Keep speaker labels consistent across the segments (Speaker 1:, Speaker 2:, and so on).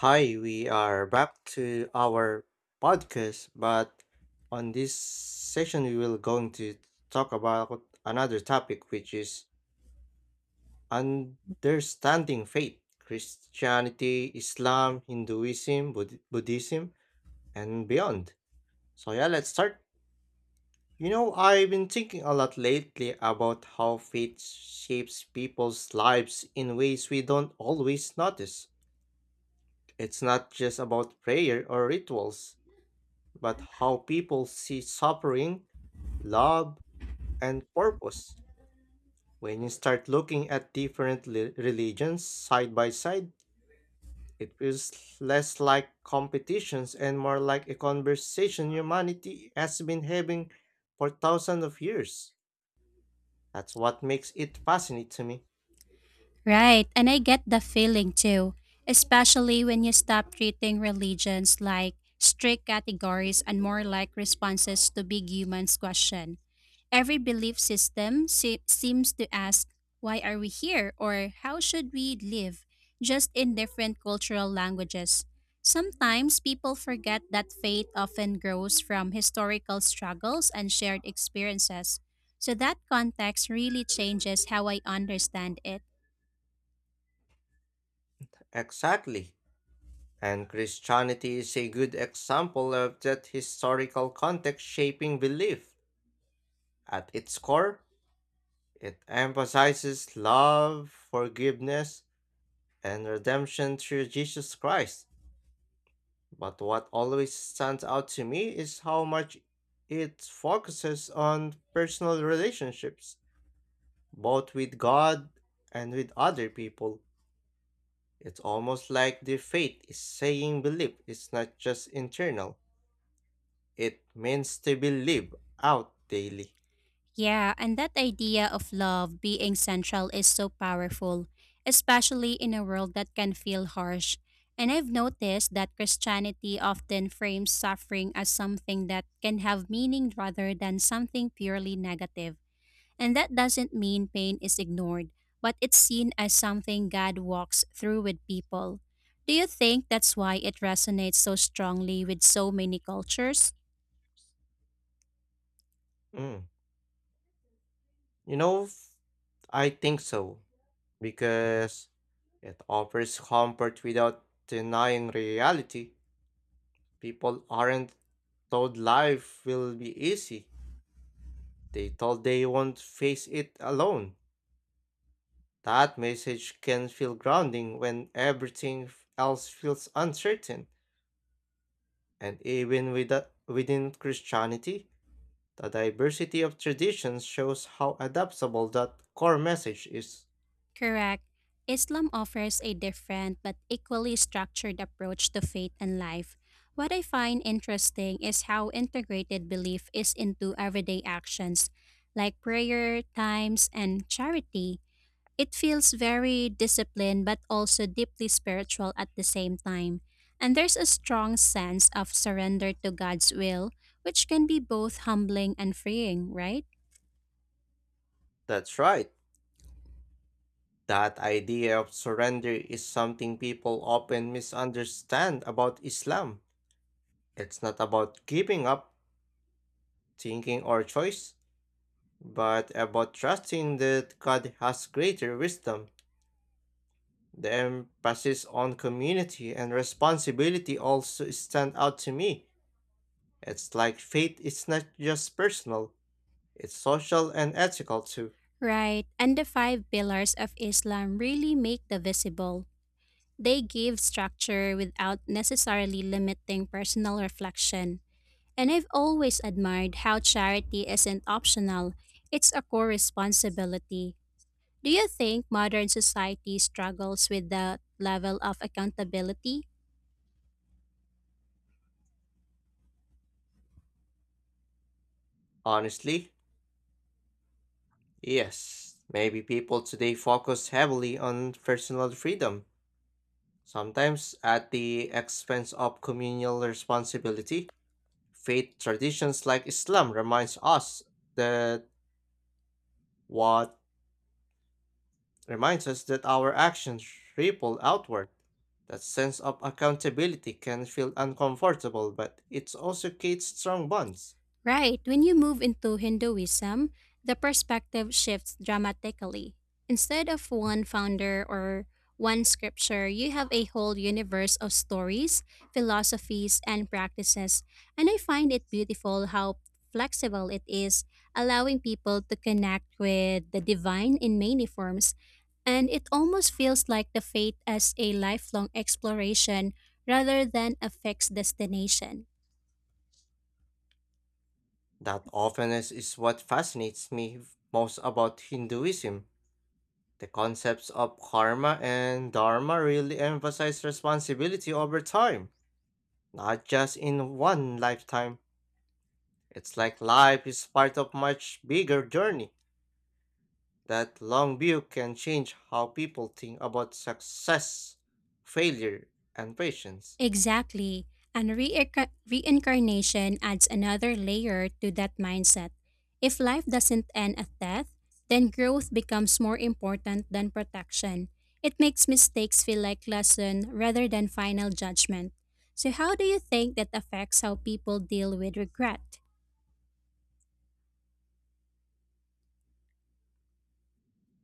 Speaker 1: Hi, we are back to our podcast, but on this session we will going to talk about another topic which is understanding faith, Christianity, Islam, Hinduism, Buddhism, and beyond. So, let's start. I've been thinking a lot lately about how faith shapes people's lives in ways we don't always notice. It's not just about prayer or rituals but how people see suffering, love, and purpose. When you start looking at different religions side by side, it feels less like competitions and more like a conversation humanity has been having for thousands of years. That's what makes it fascinating to me.
Speaker 2: Right, and I get the feeling too, especially when you stop treating religions like strict categories and more like responses to big humans' question. Every belief system seems to ask, why are we here or how should we live, just in different cultural languages. Sometimes people forget that faith often grows from historical struggles and shared experiences. So that context really changes how I understand it.
Speaker 1: Exactly. And Christianity is a good example of that historical context shaping belief. At its core, it emphasizes love, forgiveness, and redemption through Jesus Christ. But what always stands out to me is how much it focuses on personal relationships, both with God and with other people. It's almost like the faith is saying belief is not just internal, it means to be lived out daily.
Speaker 2: Yeah, and that idea of love being central is so powerful, especially in a world that can feel harsh. And I've noticed that Christianity often frames suffering as something that can have meaning rather than something purely negative. And that doesn't mean pain is ignored, but it's seen as something God walks through with people. Do you think that's why it resonates so strongly with so many cultures?
Speaker 1: Mm. You know, I think so, because it offers comfort without denying reality. People aren't told life will be easy, they told they won't face it alone. That message can feel grounding when everything else feels uncertain. And even with within Christianity, the diversity of traditions shows how adaptable that core message is.
Speaker 2: Correct. Islam offers a different but equally structured approach to faith and life. What I find interesting is how integrated belief is into everyday actions, like prayer, times, and charity. It feels very disciplined but also deeply spiritual at the same time. And there's a strong sense of surrender to God's will, which can be both humbling and freeing, right?
Speaker 1: That's right. That idea of surrender is something people often misunderstand about Islam. It's not about giving up thinking or choice, but about trusting that God has greater wisdom. The emphasis on community and responsibility also stand out to me. It's like faith is not just personal, it's social and ethical too.
Speaker 2: Right, and the five pillars of Islam really make the visible. They give structure without necessarily limiting personal reflection. And I've always admired how charity isn't optional, it's a core responsibility. Do you think modern society struggles with that level of accountability?
Speaker 1: Honestly, yes. Maybe people today focus heavily on personal freedom sometimes at the expense of communal responsibility. Faith traditions like Islam reminds us that what reminds us that our actions ripple outward. That sense of accountability can feel uncomfortable, but it also creates strong bonds.
Speaker 2: Right. When you move into Hinduism, the perspective shifts dramatically. Instead of one founder or one scripture, you have a whole universe of stories, philosophies, and practices. And I find it beautiful how flexible it is, allowing people to connect with the divine in many forms. And it almost feels like the faith as a lifelong exploration rather than a fixed destination.
Speaker 1: That openness is what fascinates me most about Hinduism. The concepts of karma and dharma really emphasize responsibility over time, not just in one lifetime. It's like life is part of much bigger journey. That long view can change how people think about success, failure, and patience.
Speaker 2: Exactly. And reincarnation adds another layer to that mindset. If life doesn't end at death, then growth becomes more important than protection. It makes mistakes feel like lesson rather than final judgment. So how do you think that affects how people deal with regret?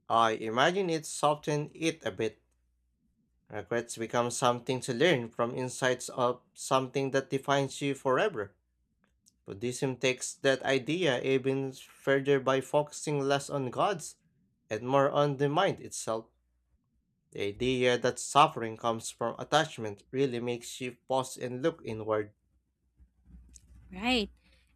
Speaker 1: I imagine it softened it a bit. Regrets become something to learn from insights of something that defines you forever. Buddhism takes that idea even further by focusing less on gods and more on the mind itself. The idea that suffering comes from attachment really makes you pause and look inward.
Speaker 2: Right.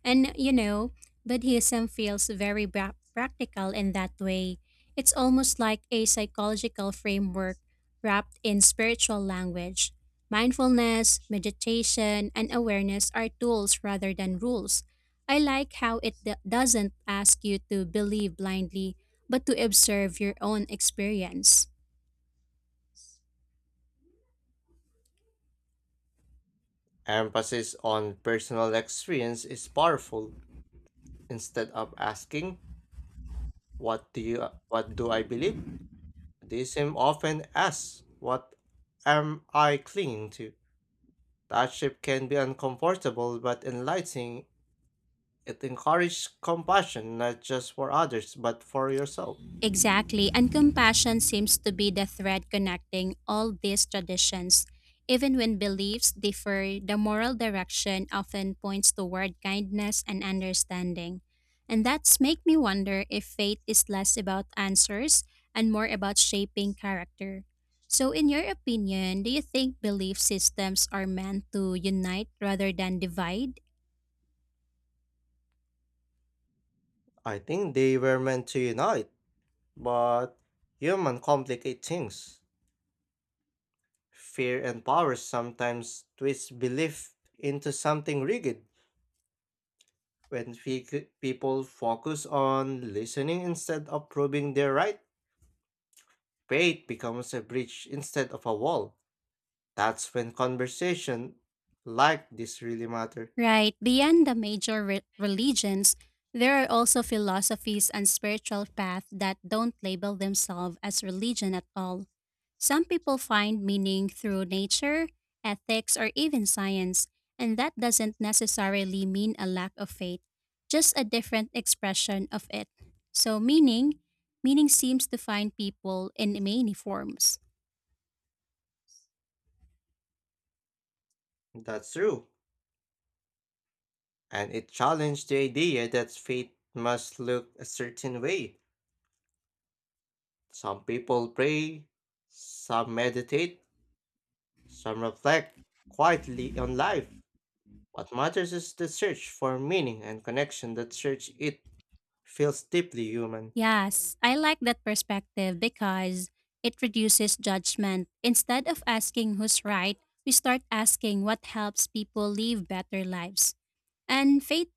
Speaker 2: And you know, Buddhism feels very practical in that way. It's almost like a psychological framework wrapped in spiritual language. Mindfulness, meditation, and awareness are tools rather than rules. I like how it doesn't ask you to believe blindly, but to observe your own experience.
Speaker 1: Emphasis on personal experience is powerful. Instead of asking, what do I believe? Buddhism often asks, what am I clinging to? That shift can be uncomfortable but enlightening. It encourages compassion not just for others but for yourself.
Speaker 2: Exactly, and compassion seems to be the thread connecting all these traditions. Even when beliefs differ, the moral direction often points toward kindness and understanding. And that's make me wonder if faith is less about answers and more about shaping character. So in your opinion, do you think belief systems are meant to unite rather than divide?
Speaker 1: I think they were meant to unite, but human complicate things. Fear and power sometimes twist belief into something rigid. When people focus on listening instead of proving their right, faith becomes a bridge instead of a wall. That's when conversation like this really matter.
Speaker 2: Right, beyond the major religions, there are also philosophies and spiritual paths that don't label themselves as religion at all. Some people find meaning through nature, ethics, or even science, and that doesn't necessarily mean a lack of faith, just a different expression of it. So, meaning seems to find people in many forms.
Speaker 1: That's true. And it challenged the idea that faith must look a certain way. Some people pray, some meditate, some reflect quietly on life. What matters is the search for meaning and connection that search it feels deeply human.
Speaker 2: Yes, I like that perspective because it reduces judgment. Instead of asking who's right, we start asking what helps people live better lives. And faith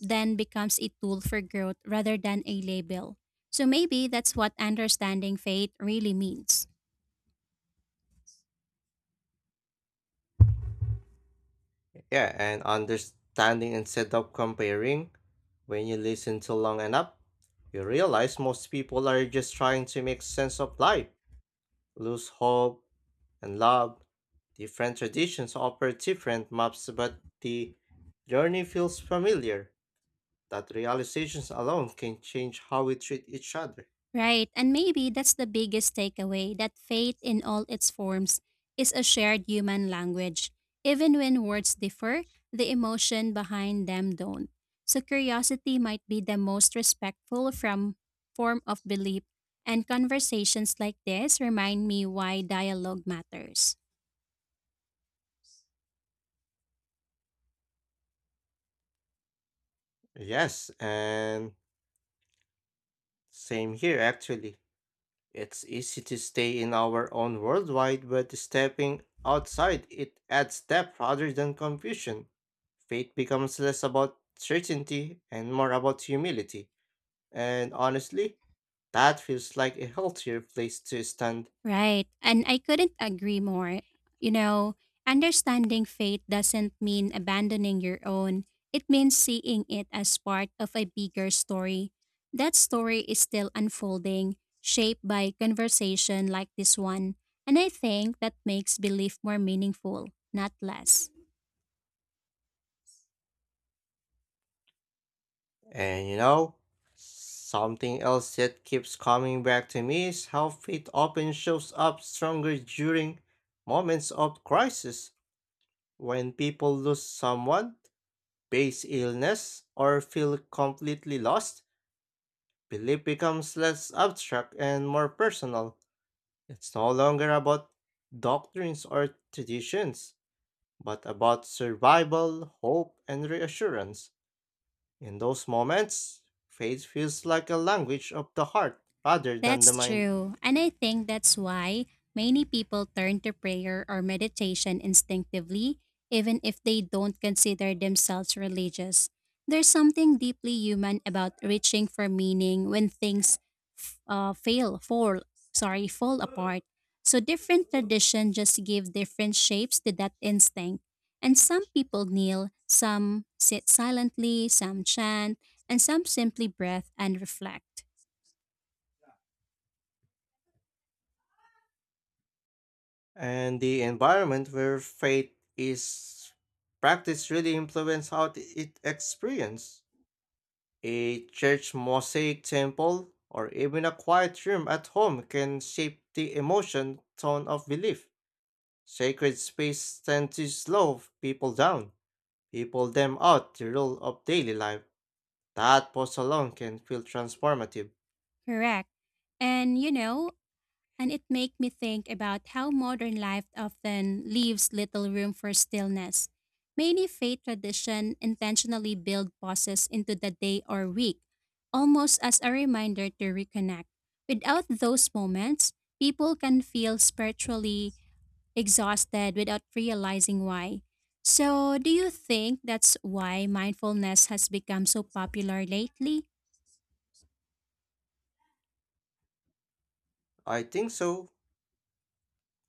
Speaker 2: then becomes a tool for growth rather than a label. So maybe that's what understanding faith really means.
Speaker 1: Yeah, and understanding instead of comparing. When you listen to long enough, you realize most people are just trying to make sense of life, lose hope and love. Different traditions offer different maps, but the journey feels familiar. That realizations alone can change how we treat each other.
Speaker 2: Right, and maybe that's the biggest takeaway that faith in all its forms is a shared human language. Even when words differ, the emotion behind them don't. So curiosity might be the most respectful from form of belief, and conversations like this remind me why dialogue matters.
Speaker 1: Yes, and same here actually. It's easy to stay in our own worldwide, but stepping outside it adds depth rather than confusion. Faith becomes less about certainty and more about humility. And honestly, that feels like a healthier place to stand.
Speaker 2: Right. And I couldn't agree more. You know, understanding faith doesn't mean abandoning your own, it means seeing it as part of a bigger story. That story is still unfolding, shaped by conversation like this one. And I think that makes belief more meaningful, not less.
Speaker 1: And you know, something else that keeps coming back to me is how faith often shows up stronger during moments of crisis when people lose someone base illness, or feel completely lost, belief becomes less abstract and more personal. It's no longer about doctrines or traditions, but about survival, hope, and reassurance. In those moments, faith feels like a language of the heart rather than the
Speaker 2: That's
Speaker 1: mind.
Speaker 2: true. And I think that's why many people turn to prayer or meditation instinctively, even if they don't consider themselves religious. There's something deeply human about reaching for meaning when things fall, sorry, fall apart. So different traditions just give different shapes to that instinct. And some people kneel, some sit silently, some chant, and some simply breath and reflect.
Speaker 1: And the environment where faith is practiced really influences how it experienced. A church mosaic temple or even a quiet room at home can shape the emotion tone of belief. Sacred space tend to slow people down, people them out the rule of daily life. That pause alone can feel transformative.
Speaker 2: Correct. And you know, and it make me think about how modern life often leaves little room for stillness. Many faith tradition intentionally build pauses into the day or week, almost as a reminder to reconnect. Without those moments, people can feel spiritually exhausted without realizing why. So, do you think that's why mindfulness has become so popular lately?
Speaker 1: I think so,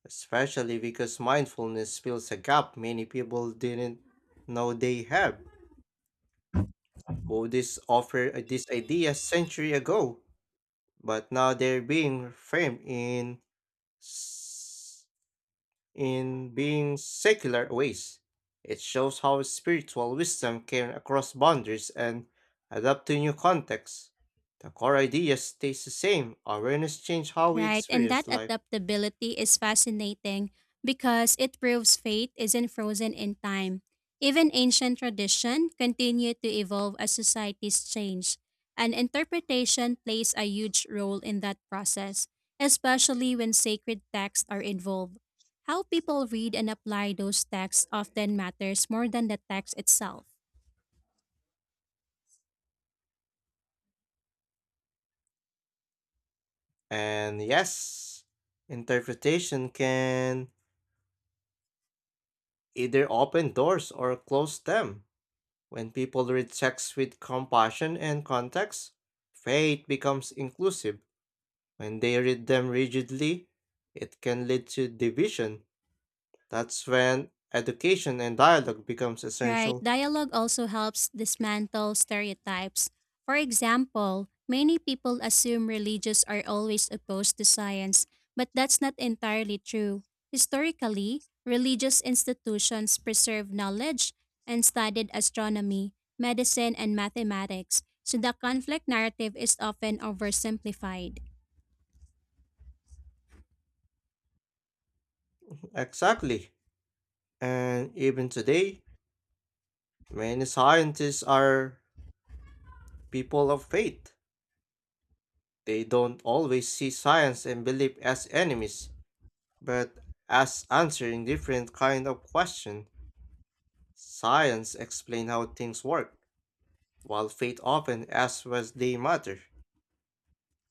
Speaker 1: especially because mindfulness fills a gap many people didn't know they have. Buddhists offered this idea century ago, but now they're being framed s- in being secular ways. It shows how spiritual wisdom can across boundaries and adapt to new contexts. The core idea stays the same. Awareness changes how we
Speaker 2: Right, and that
Speaker 1: experience life.
Speaker 2: adaptability is fascinating because it proves faith isn't frozen in time. Even ancient tradition continue to evolve as societies change, and interpretation plays a huge role in that process, especially when sacred texts are involved. How people read and apply those texts often matters more than the text itself.
Speaker 1: And yes, interpretation can either open doors or close them. When people read texts with compassion and context, faith becomes inclusive. When they read them rigidly, it can lead to division. That's when education and dialogue becomes
Speaker 2: Right,
Speaker 1: essential.
Speaker 2: dialogue also helps dismantle stereotypes. For example, many people assume religious are always opposed to science, but that's not entirely true. Historically, religious institutions preserved knowledge and studied astronomy, medicine, and mathematics, so the conflict narrative is often oversimplified.
Speaker 1: Exactly. And even today, many scientists are people of faith. They don't always see science and belief as enemies, but as answering different kind of question. Science explain how things work, while faith often asks what they matter.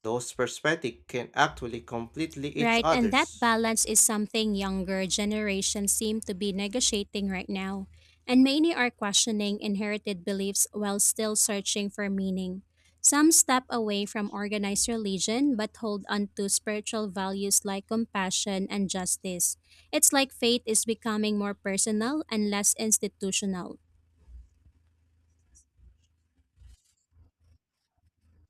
Speaker 1: Those perspectives can actually completely each
Speaker 2: Right, and that
Speaker 1: other's.
Speaker 2: balance is something younger generations seem to be negotiating right now, and many are questioning inherited beliefs while still searching for meaning. Some step away from organized religion but hold on to spiritual values like compassion and justice. It's like faith is becoming more personal and less institutional.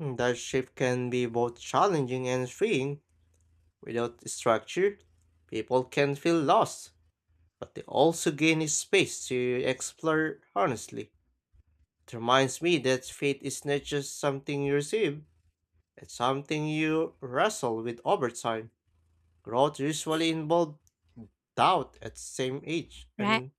Speaker 1: Mm, that shift can be both challenging and freeing. Without structure, people can feel lost, but they also gain a space to explore honestly. It reminds me that faith is not just something you receive, it's something you wrestle with over time. Growth usually involves doubt at same age. I
Speaker 2: Right?
Speaker 1: mean,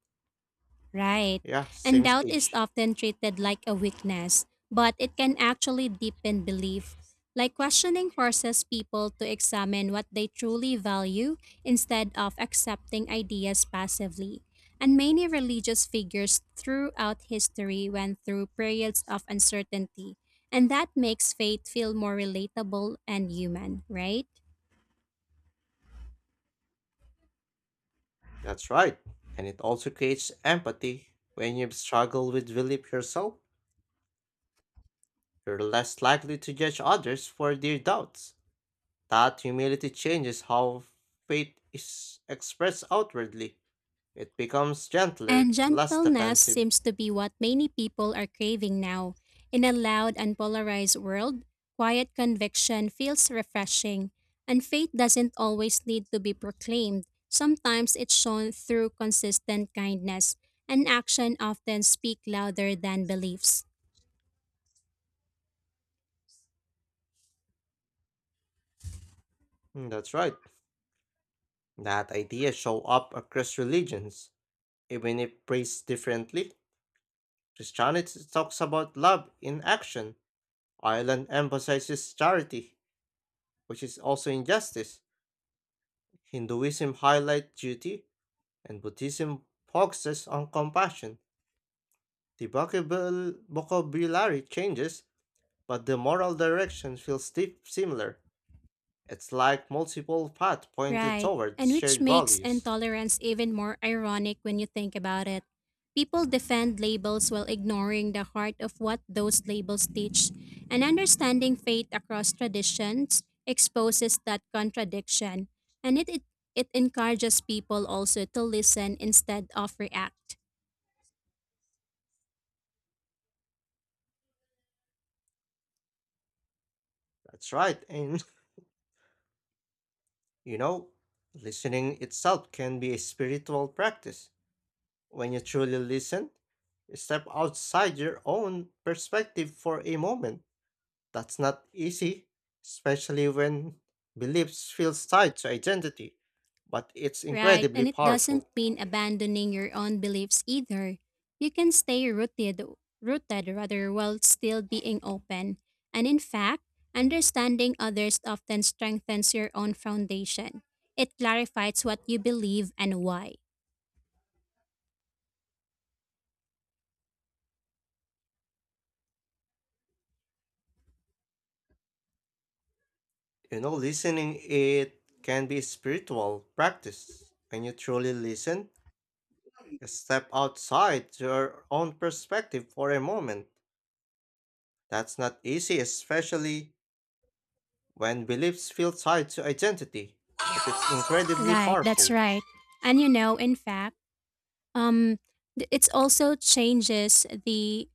Speaker 2: Right.
Speaker 1: yeah,
Speaker 2: And
Speaker 1: same
Speaker 2: doubt is
Speaker 1: stage.
Speaker 2: often treated like a weakness, but it can actually deepen belief. Like questioning forces people to examine what they truly value instead of accepting ideas passively. And many religious figures throughout history went through periods of uncertainty, and that makes faith feel more relatable and human, right?
Speaker 1: That's right. And it also creates empathy when you struggle with belief yourself. You're less likely to judge others for their doubts. That humility changes how faith is expressed outwardly. It becomes gentler,
Speaker 2: And
Speaker 1: less
Speaker 2: gentleness
Speaker 1: defensive.
Speaker 2: seems to be what many people are craving now. In a loud and polarized world, quiet conviction feels refreshing, and faith doesn't always need to be proclaimed. Sometimes it's shown through consistent kindness, and action often speak louder than beliefs.
Speaker 1: Mm, that's right. That idea show up across religions, even if praised differently. Christianity talks about love in action. Ireland emphasizes charity, which is also injustice. Hinduism highlights duty, and Buddhism focuses on compassion. The vocabulary changes, but the moral direction feels deep similar. It's like multiple paths pointed
Speaker 2: Right.
Speaker 1: toward
Speaker 2: And which
Speaker 1: shared
Speaker 2: makes
Speaker 1: values.
Speaker 2: intolerance even more ironic when you think about it. People defend labels while ignoring the heart of what those labels teach, and understanding faith across traditions exposes that contradiction. And it encourages people also to listen instead of react.
Speaker 1: That's right, and you know, listening itself can be a spiritual practice. When you truly listen, step outside your own perspective for a moment. That's not easy, especially when beliefs feel tied to identity, but it's
Speaker 2: Right,
Speaker 1: incredibly
Speaker 2: and it doesn't
Speaker 1: powerful.
Speaker 2: mean abandoning your own beliefs either. You can stay rooted rather, while still being open. And in fact, understanding others often strengthens your own foundation. It clarifies what you believe and why.
Speaker 1: Listening it can be a spiritual practice. When you truly listen, you step outside your own perspective for a moment. That's not easy, especially when beliefs feel tied to identity, but it's incredibly
Speaker 2: Right, that's
Speaker 1: powerful.
Speaker 2: right. And you know, in fact, um, it's also changes the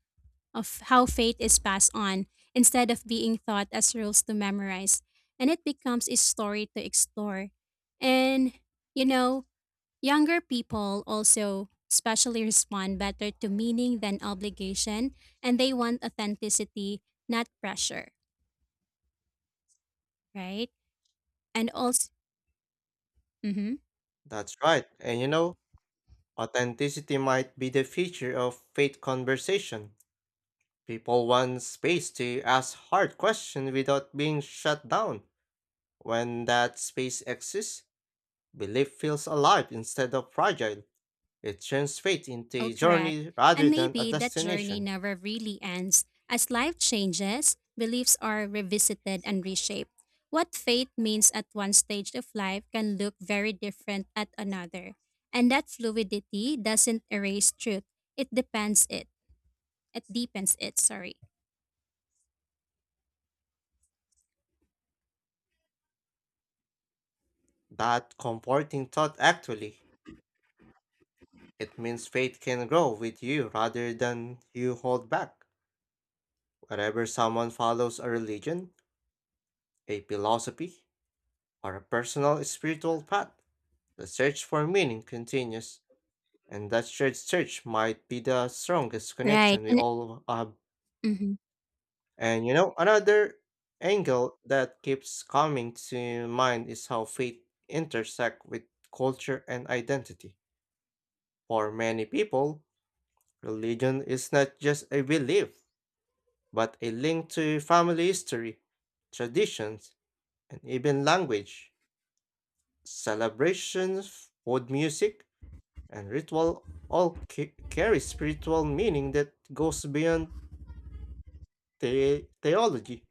Speaker 2: of how faith is passed on instead of being thought as rules to memorize, and it becomes a story to explore. And, you know, younger people also especially respond better to meaning than obligation, and they want authenticity, not pressure, right? And also, mhm.
Speaker 1: That's right. Authenticity might be the feature of faith conversation. People want space to ask hard questions without being shut down. When that space exists, belief feels alive instead of fragile. It turns faith into
Speaker 2: Oh,
Speaker 1: a
Speaker 2: correct.
Speaker 1: journey
Speaker 2: And
Speaker 1: rather than a
Speaker 2: maybe that journey
Speaker 1: destination.
Speaker 2: never really ends. As life changes, beliefs are revisited and reshaped. What faith means at one stage of life can look very different at another. And that fluidity doesn't erase truth. It depends it. It deepens it, sorry.
Speaker 1: That comforting thought actually. It means faith can grow with you rather than you hold back. Wherever someone follows a religion, a philosophy, or a personal spiritual path, the search for meaning continues. And that shared search might be the strongest
Speaker 2: Right.
Speaker 1: connection we
Speaker 2: And
Speaker 1: all have.
Speaker 2: mhm.
Speaker 1: Another angle that keeps coming to mind is how faith intersect with culture and identity. For many people, religion is not just a belief, but a link to family history, traditions, and even language. Celebrations, food music, and ritual all carry spiritual meaning that goes beyond theology.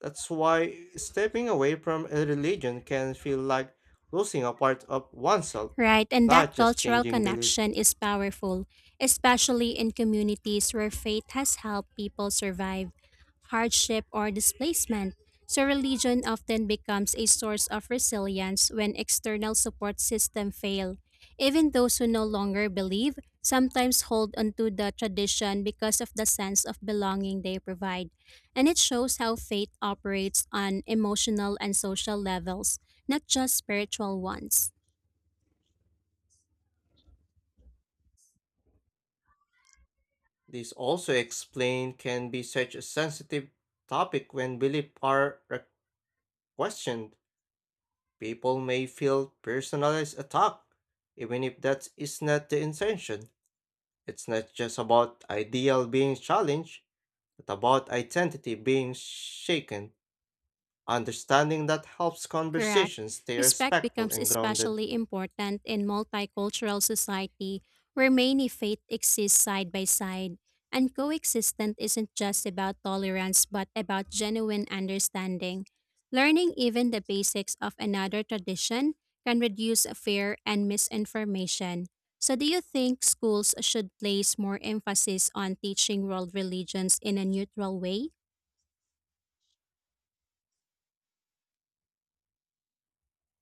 Speaker 1: That's why stepping away from a religion can feel like losing a part of oneself,
Speaker 2: Right, and
Speaker 1: not
Speaker 2: that
Speaker 1: just
Speaker 2: cultural
Speaker 1: changing belief.
Speaker 2: connection is powerful, especially in communities where faith has helped people survive hardship or displacement. So religion often becomes a source of resilience when external support systems fail. Even those who no longer believe sometimes hold onto the tradition because of the sense of belonging they provide. And it shows how faith operates on emotional and social levels, not just spiritual ones.
Speaker 1: This also explain can be such a sensitive topic when beliefs are questioned. People may feel personalized attack, even if that is not the intention. It's not just about ideal being challenged, but about identity being shaken. Understanding that helps
Speaker 2: Correct.
Speaker 1: conversations stay
Speaker 2: Respect
Speaker 1: respectful
Speaker 2: becomes
Speaker 1: and grounded.
Speaker 2: especially important in multicultural society where many faiths exist side by side. And coexistence isn't just about tolerance but about genuine understanding. Learning even the basics of another tradition can reduce fear and misinformation. So, do you think schools should place more emphasis on teaching world religions in a neutral way?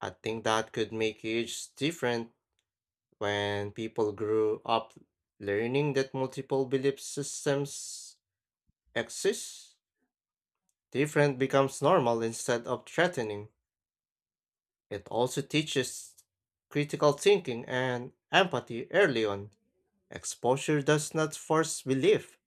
Speaker 1: I think that could make huge difference when people grew up learning that multiple belief systems exist. Different becomes normal instead of threatening. It also teaches critical thinking and empathy early on. Exposure does not force belief,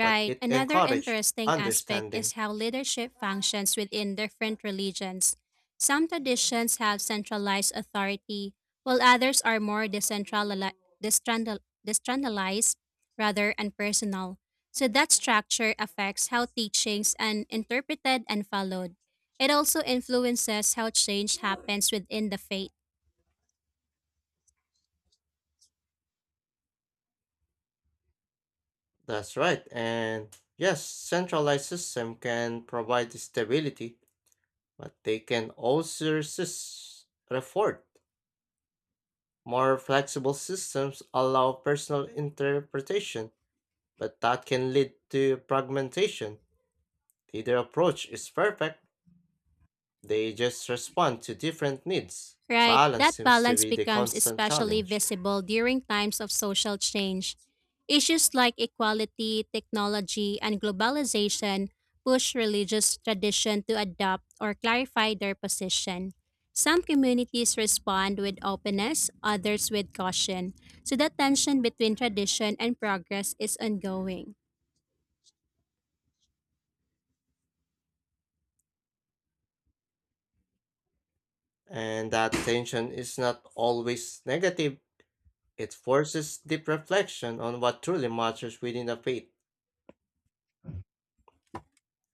Speaker 1: but it
Speaker 2: Another
Speaker 1: encourages
Speaker 2: interesting aspect
Speaker 1: understanding.
Speaker 2: is how leadership functions within different religions. Some traditions have centralized authority, while others are more destrandal- decentralized, rather, and personal. So that structure affects how teachings are interpreted and followed. It also influences how change happens within the faith.
Speaker 1: That's right, and yes, centralized system can provide stability but they can also resist effort. More flexible systems allow personal interpretation, but that can lead to fragmentation. Neither approach is perfect, they just respond to different needs.
Speaker 2: Right,
Speaker 1: Balance
Speaker 2: that
Speaker 1: seems to
Speaker 2: balance
Speaker 1: be the
Speaker 2: becomes
Speaker 1: constant
Speaker 2: especially
Speaker 1: challenge.
Speaker 2: visible during times of social change. Issues like equality, technology, and globalization push religious tradition to adopt or clarify their position. Some communities respond with openness, others with caution, so the tension between tradition and progress is ongoing.
Speaker 1: And that tension is not always negative, it forces deep reflection on what truly matters within a faith.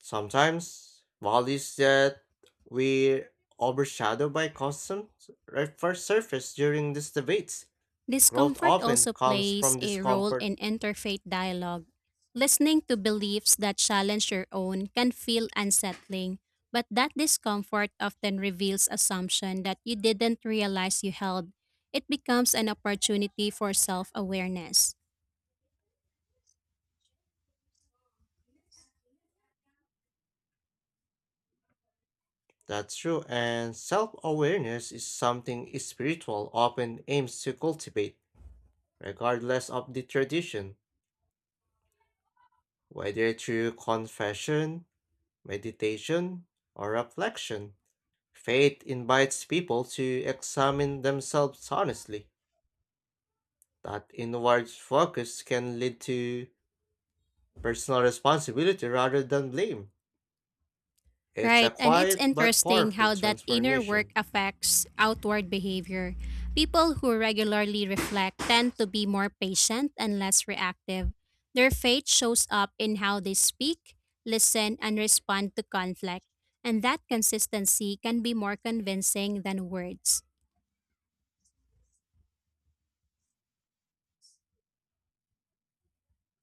Speaker 1: Sometimes values that were overshadowed by constant first surface during these debates. Growth
Speaker 2: Discomfort
Speaker 1: often
Speaker 2: also
Speaker 1: comes
Speaker 2: plays
Speaker 1: from
Speaker 2: a role
Speaker 1: discomfort.
Speaker 2: in interfaith dialogue. Listening to beliefs that challenge your own can feel unsettling, but that discomfort often reveals assumption that you didn't realize you held. It becomes an opportunity for self-awareness.
Speaker 1: That's true, and self awareness is something spiritual often aims to cultivate, regardless of the tradition, whether through confession, meditation, or reflection. Faith invites people to examine themselves honestly. That inward focus can lead to personal responsibility rather than blame. It's a
Speaker 2: Right, and it's
Speaker 1: quiet but
Speaker 2: interesting
Speaker 1: powerful
Speaker 2: how that inner work
Speaker 1: transformation.
Speaker 2: affects outward behavior. People who regularly reflect tend to be more patient and less reactive. Their faith shows up in how they speak, listen, and respond to conflict, and that consistency can be more convincing than words.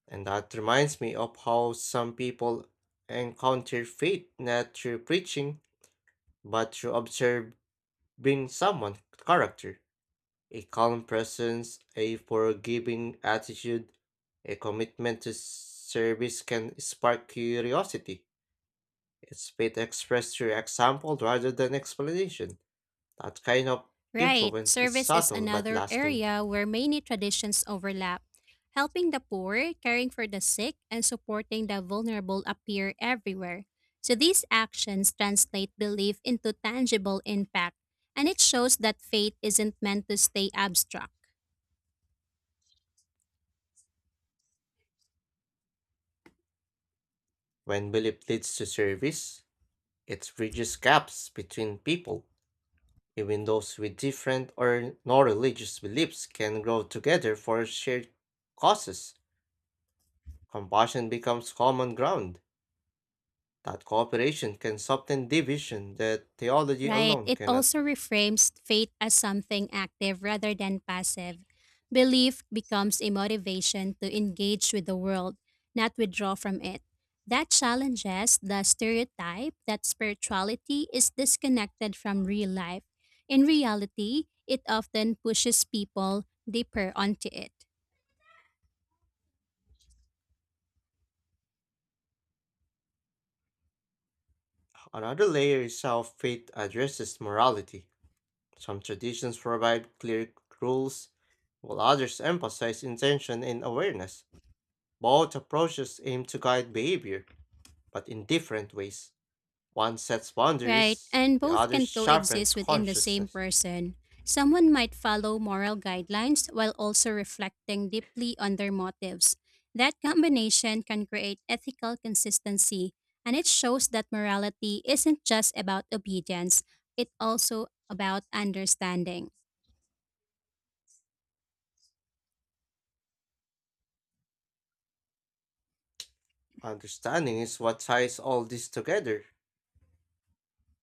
Speaker 1: And that reminds me of how some people encounter faith not through preaching, but through observing someone's character. A calm presence, a forgiving attitude, a commitment to service can spark curiosity. It's faith expressed through example rather than explanation. That kind of
Speaker 2: Right,
Speaker 1: influence is
Speaker 2: service is
Speaker 1: subtle but
Speaker 2: another
Speaker 1: lasting.
Speaker 2: area where many traditions overlap. Helping the poor, caring for the sick, and supporting the vulnerable appear everywhere. So these actions translate belief into tangible impact, and it shows that faith isn't meant to stay abstract.
Speaker 1: When belief leads to service, it bridges gaps between people. Even those with different or no religious beliefs can grow together for shared causes. Compassion becomes common ground. That cooperation can soften division that theology
Speaker 2: Right.
Speaker 1: alone
Speaker 2: It
Speaker 1: cannot.
Speaker 2: also reframes faith as something active rather than passive. Belief becomes a motivation to engage with the world, not withdraw from it. That challenges the stereotype that spirituality is disconnected from real life. In reality, it often pushes people deeper onto it.
Speaker 1: Another layer is how faith addresses morality. Some traditions provide clear rules, while others emphasize intention and awareness. Both approaches aim to guide behavior, but in different ways. One sets
Speaker 2: Right,
Speaker 1: boundaries,
Speaker 2: and
Speaker 1: the
Speaker 2: both
Speaker 1: other
Speaker 2: can coexist
Speaker 1: sharpens
Speaker 2: within the same
Speaker 1: consciousness.
Speaker 2: person. Someone might follow moral guidelines while also reflecting deeply on their motives. That combination can create ethical consistency, and it shows that morality isn't just about obedience, it's also about understanding.
Speaker 1: Understanding is what ties all this together.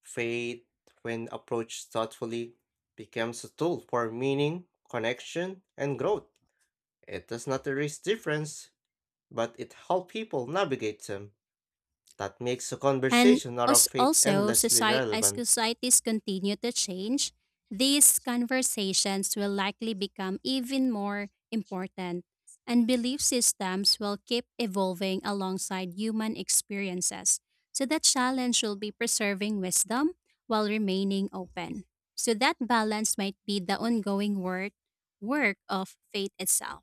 Speaker 1: Faith, when approached thoughtfully, becomes a tool for meaning, connection, and growth. It does not erase difference, but it helps people navigate them. That makes a
Speaker 2: And
Speaker 1: conversation out of faith endlessly
Speaker 2: as
Speaker 1: relevant.
Speaker 2: societies continue to change, these conversations will likely become even more important, and belief systems will keep evolving alongside human experiences. So, that challenge will be preserving wisdom while remaining open. So, that balance might be the ongoing work of faith itself.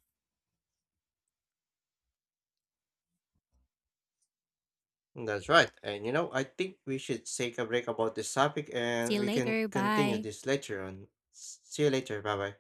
Speaker 1: That's right. I think we should take a break about this topic
Speaker 2: See
Speaker 1: and
Speaker 2: you
Speaker 1: we can
Speaker 2: later.
Speaker 1: continue
Speaker 2: Bye.
Speaker 1: this later on. See you later. Bye bye.